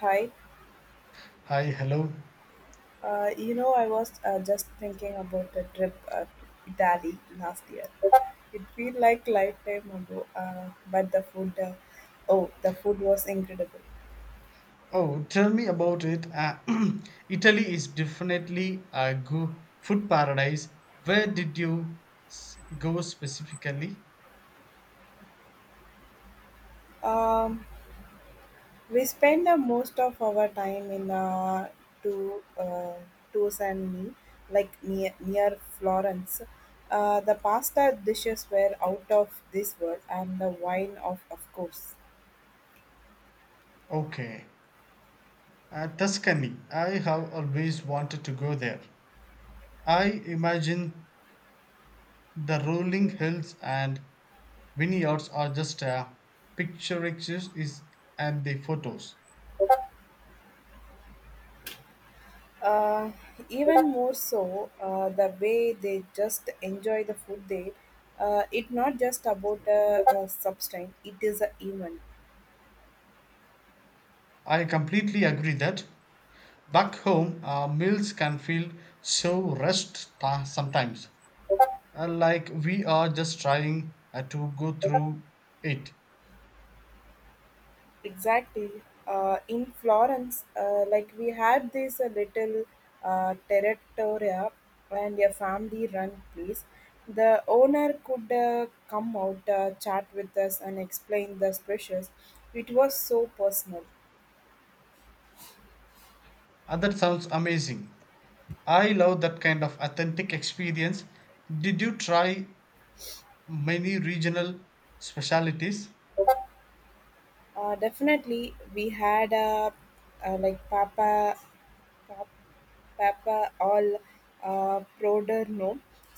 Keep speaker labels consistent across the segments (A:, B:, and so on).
A: Hi,
B: Hi, hello.
A: I was just thinking about the trip to Italy last year. It felt like lifetime ago, but the food was incredible.
B: Oh, tell me about it. Italy is definitely a food paradise. Where did you go specifically?
A: Um, we spent most of our time in to tours and me, like near Florence. The pasta dishes were out of this world, and the wine of course.
B: Okay, Tuscany. I have always wanted to go there. I imagine the rolling hills and vineyards are just a picturesque is and the photos.
A: Uh, even more so, the way they just enjoy the food there. It's not just about a substance, it is an event.
B: I completely agree that back home meals can feel so rushed sometimes. Like we are just trying to go through it.
A: Exactly. In Florence, like we had this little territoria and a family run place. The owner could come out, chat with us, and explain the specials. It was so personal.
B: That sounds amazing. I love that kind of authentic experience. Did you try many regional specialities?
A: Definitely, we had a like pa- papa al Proderno,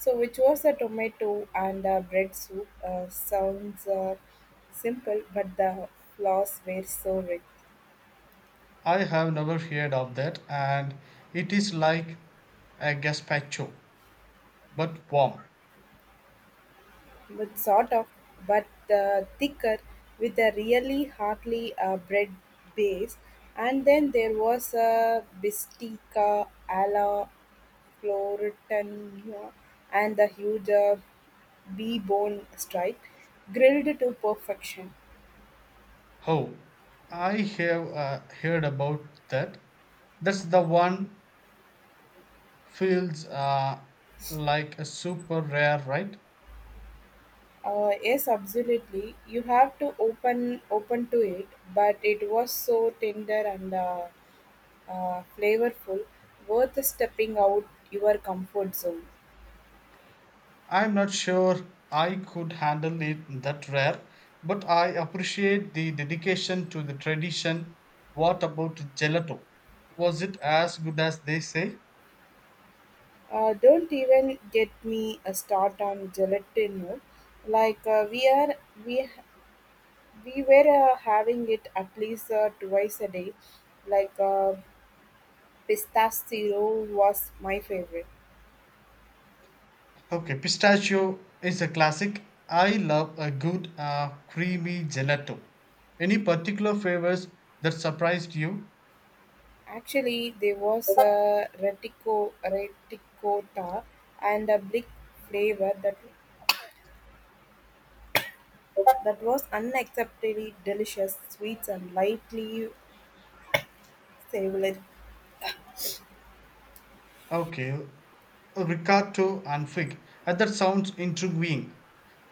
A: so which was a tomato and bread soup. Sounds simple, but the flaws were so rich,
B: I have never heard of that, and it is like a gazpacho but warm.
A: but sort of, but thicker with a really hardly bread base. And then there was a bistica alla Florentina and the huge bone stripe, grilled to perfection.
B: Oh, I have heard about that. That's the one feels like a super rare, right?
A: Yes, absolutely. You have to open to it, but it was so tender and flavorful, worth stepping out your comfort zone.
B: I'm not sure I could handle it that rare, but I appreciate the dedication to the tradition. What about gelato? Was it as good as they say?
A: Don't even get me a start on gelatino. We are we we were having it at least twice a day. Like uh, Pistachio was my favorite.
B: Okay, pistachio is a classic. I love a good creamy gelato. Any particular flavors that surprised you?
A: Actually, there was a reticota and a blick flavor that was unacceptably delicious, sweet and lightly savory.
B: Okay, Ricardo and Fig. That sounds intriguing.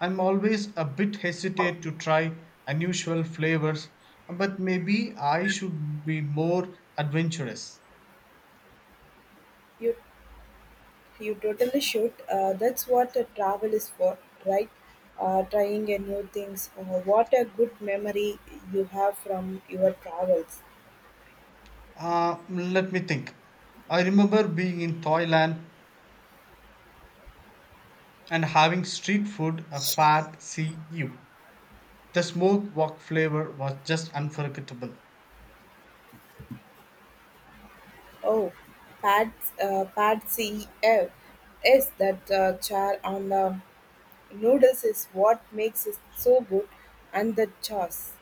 B: I'm always a bit hesitant to try unusual flavors, but maybe I should be more adventurous.
A: You you totally should. That's what a travel is for, right? Trying a new things. What a good memory you have from your travels.
B: Let me think. I remember being in Thailand and having street food a pad see you. The smoke wok flavor was just unforgettable.
A: Oh, Pat, Patsy, eh, is that chair on the Noodles is what makes it so good, and the chas.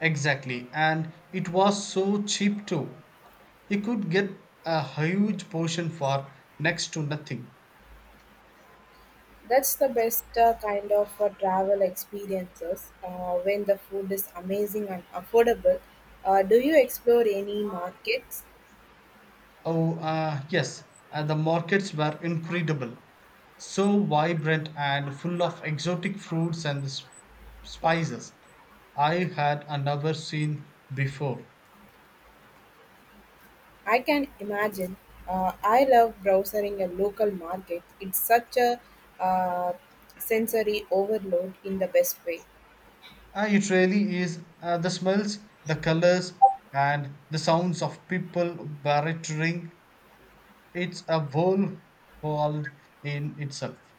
B: Exactly, and it was so cheap too. He could get a huge portion for next to nothing.
A: That's the best kind of travel experiences when the food is amazing and affordable. Do you explore any markets?
B: Oh, yes, and the markets were incredible. So vibrant and full of exotic fruits and spices. I had never seen before.
A: I can imagine. I love browsing a local market. It's such a uh, sensory overload in the best way.
B: It really is the smells, the colors, and the sounds of people bartering. It's a whole world in itself.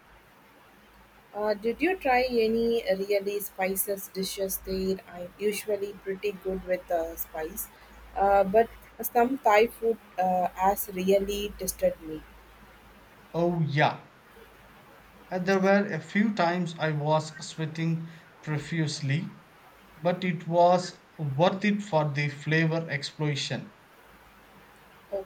A: Did you try any really spices dishes there? I'm usually pretty good with spice, but some Thai food has really tested me.
B: Oh, yeah. And there were a few times I was sweating profusely, but it was worth it for the flavor explosion.
A: Oh,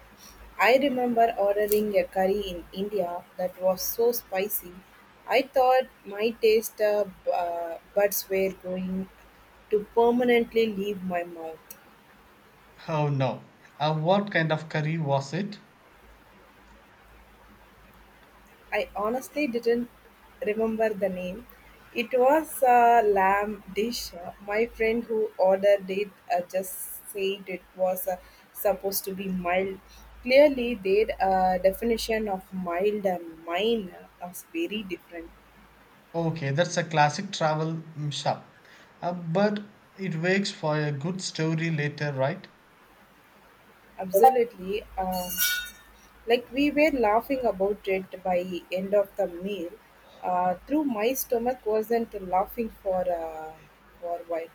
A: I remember ordering a curry in India that was so spicy. I thought my taste buds were going to permanently leave my mouth.
B: Oh no. What kind of curry was it?
A: I honestly didn't remember the name. It was a lamb dish. My friend who ordered it just said it was supposed to be mild. Clearly, their definition of mild and mine was very different.
B: Okay, that's a classic travel shop. But it makes for a good story later, right?
A: Absolutely. Like we were laughing about it by end of the meal. Through my stomach wasn't laughing for a while.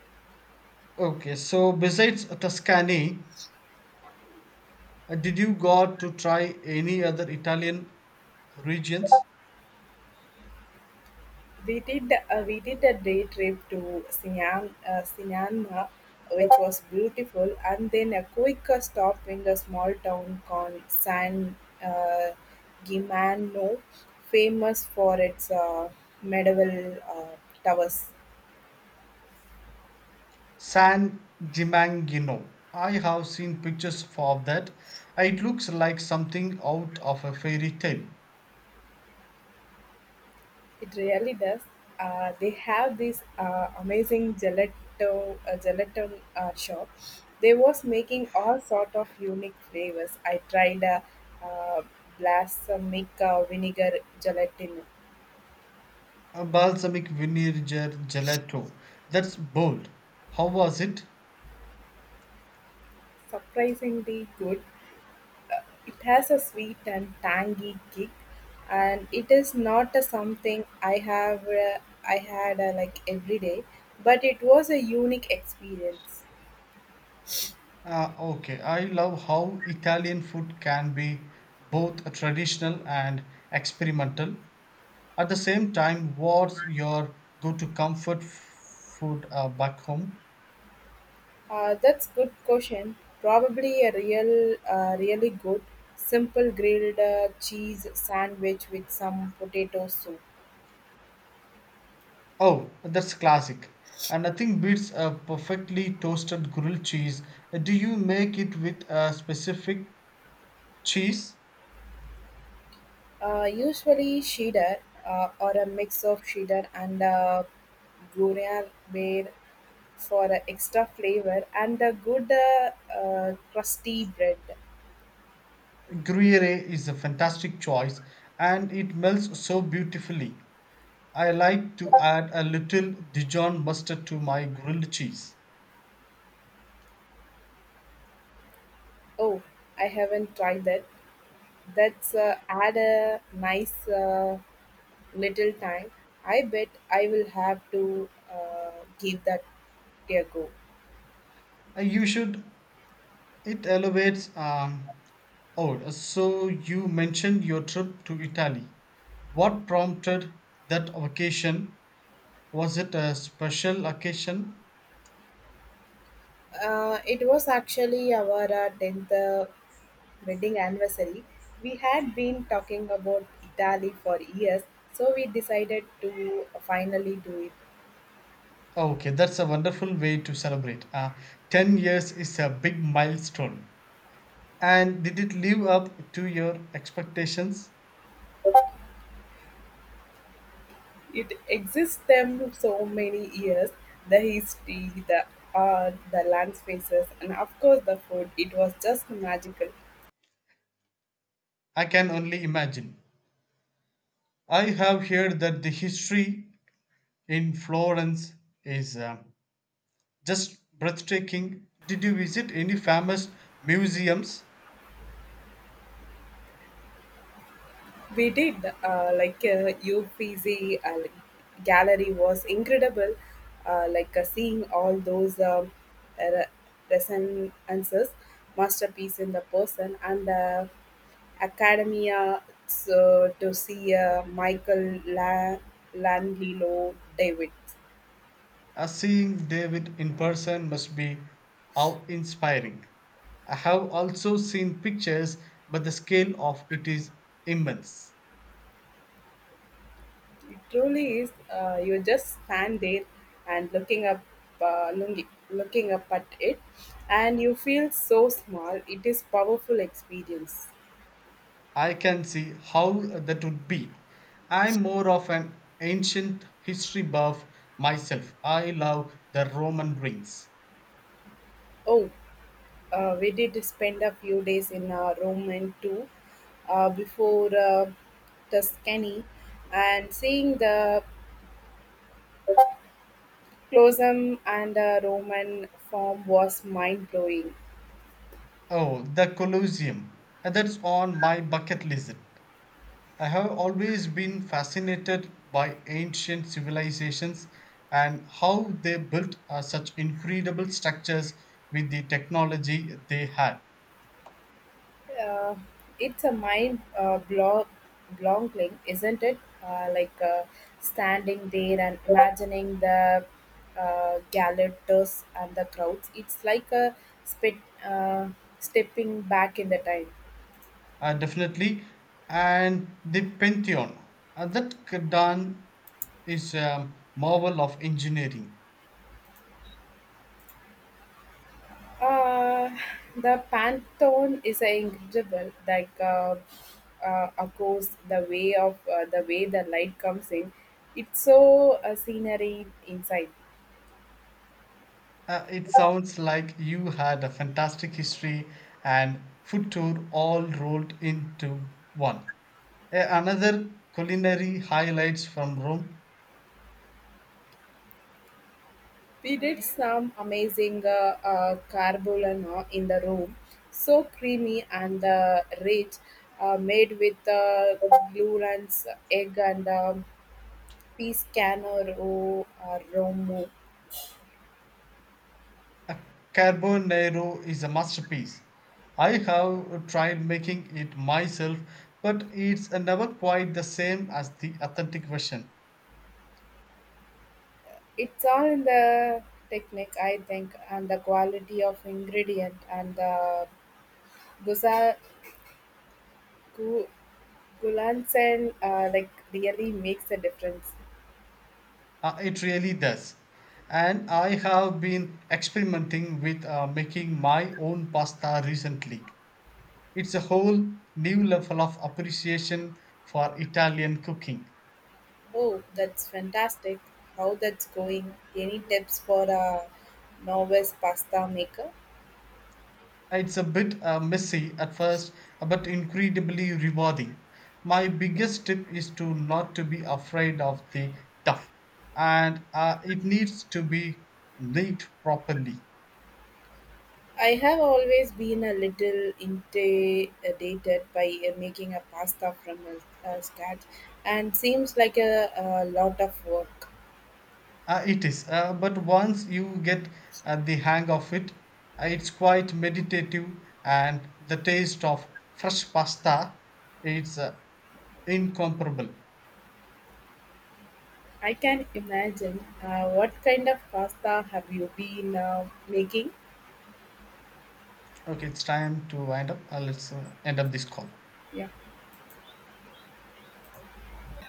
B: Okay, so besides Tuscany, did you got to try any other Italian regions?
A: We did a day trip to Sinan, Sinana, which was beautiful, and then a quick stop in the small town called San uh, Gimignano, famous for its medieval towers.
B: San Gimangino. I have seen pictures of that. It looks like something out of a fairy tale.
A: It really does. They have this amazing gelato gelatin shop. They was making all sort of unique flavors. I tried a uh, balsamic vinegar gelatin.
B: A balsamic vinegar gelato. That's bold. How was it?
A: Surprisingly good. It has a sweet and tangy kick, and it is not a something I had like every day, but it was a unique experience.
B: Ah, okay, I love how Italian food can be both traditional and experimental. At the same time, what's your go to comfort food back home?
A: That's good question. Probably a really good simple grilled cheese sandwich with some potato soup.
B: Oh, that's classic. And nothing beats a perfectly toasted grilled cheese. Do you make it with a specific cheese?
A: Usually cheddar or a mix of cheddar and Gruyere ware for extra flavor and a good crusty bread.
B: Gruyere is a fantastic choice and it melts so beautifully. I like to add a little Dijon mustard to my grilled cheese.
A: Oh, I haven't tried that. That's add a nice little time. I bet I will have to give that Diego.
B: You should, it elevates. Oh, so you mentioned your trip to Italy. What prompted that occasion? Was it a special occasion?
A: It was actually our 10th wedding anniversary. We had been talking about Italy for years, so we decided to finally do it.
B: Oh, okay, that's a wonderful way to celebrate. 10 years is a big milestone. And did it live up to your expectations?
A: It exists them so many years the history, the art, the land spaces, and of course the food. It was just magical.
B: I can only imagine. I have heard that the history in Florence is just breathtaking. Did you visit any famous museums?
A: We did. UPC gallery was incredible. Seeing all those uh, resonances, masterpiece in the person, and the academia so, to see Landlilo David.
B: Seeing David in person must be awe inspiring. I have also seen pictures, but the scale of it is immense.
A: It truly is. You just stand there and looking up, looking up at it, and you feel so small. It is powerful experience.
B: I can see how that would be. I'm more of an ancient history buff myself. I love the Roman ruins.
A: Oh, we did spend a few days in Rome and too, before Tuscany, and seeing the Colosseum and Roman form was mind blowing.
B: Oh, the Colosseum. That's on my bucket list. I have always been fascinated by ancient civilizations and how they built such incredible structures with the technology they had.
A: Uh, it's a mind blogging, isn't it? Standing there and imagining the gallows and the crowds. It's like a spit, uh, stepping back in the time.
B: Definitely. And the Pantheon, that Kadan is a marvel of engineering.
A: Uh, the Pantheon is incredible. Like, of course, the way the light comes in. It's so scenery inside.
B: It sounds like you had a fantastic history and food tour all rolled into one. Another culinary highlights from Rome.
A: We did some amazing carbonara in the room, so creamy and rich, made with gluons, egg, and peas romo.
B: Carbonaro is a masterpiece. I have tried making it myself, but it's never quite the same as the authentic version.
A: It's all in the technique, I think, and the quality of ingredient and the gusa gu, gulansen, like really makes a difference.
B: It really does. And I have been experimenting with making my own pasta recently. It's a whole new level of appreciation for Italian cooking.
A: Oh, that's fantastic. How that's going? Any tips for a novice pasta maker?
B: It's a bit messy at first, but incredibly rewarding. My biggest tip is to not to be afraid of the tough, and it needs to be knit properly.
A: I have always been a little intimidated by making a pasta from a scratch and seems like a lot of work.
B: It is, but once you get the hang of it, it's quite meditative, and the taste of fresh pasta, it's incomparable.
A: I can imagine. What kind of pasta have you been making?
B: Okay, it's time to wind up. Let's end up this call.
A: Yeah.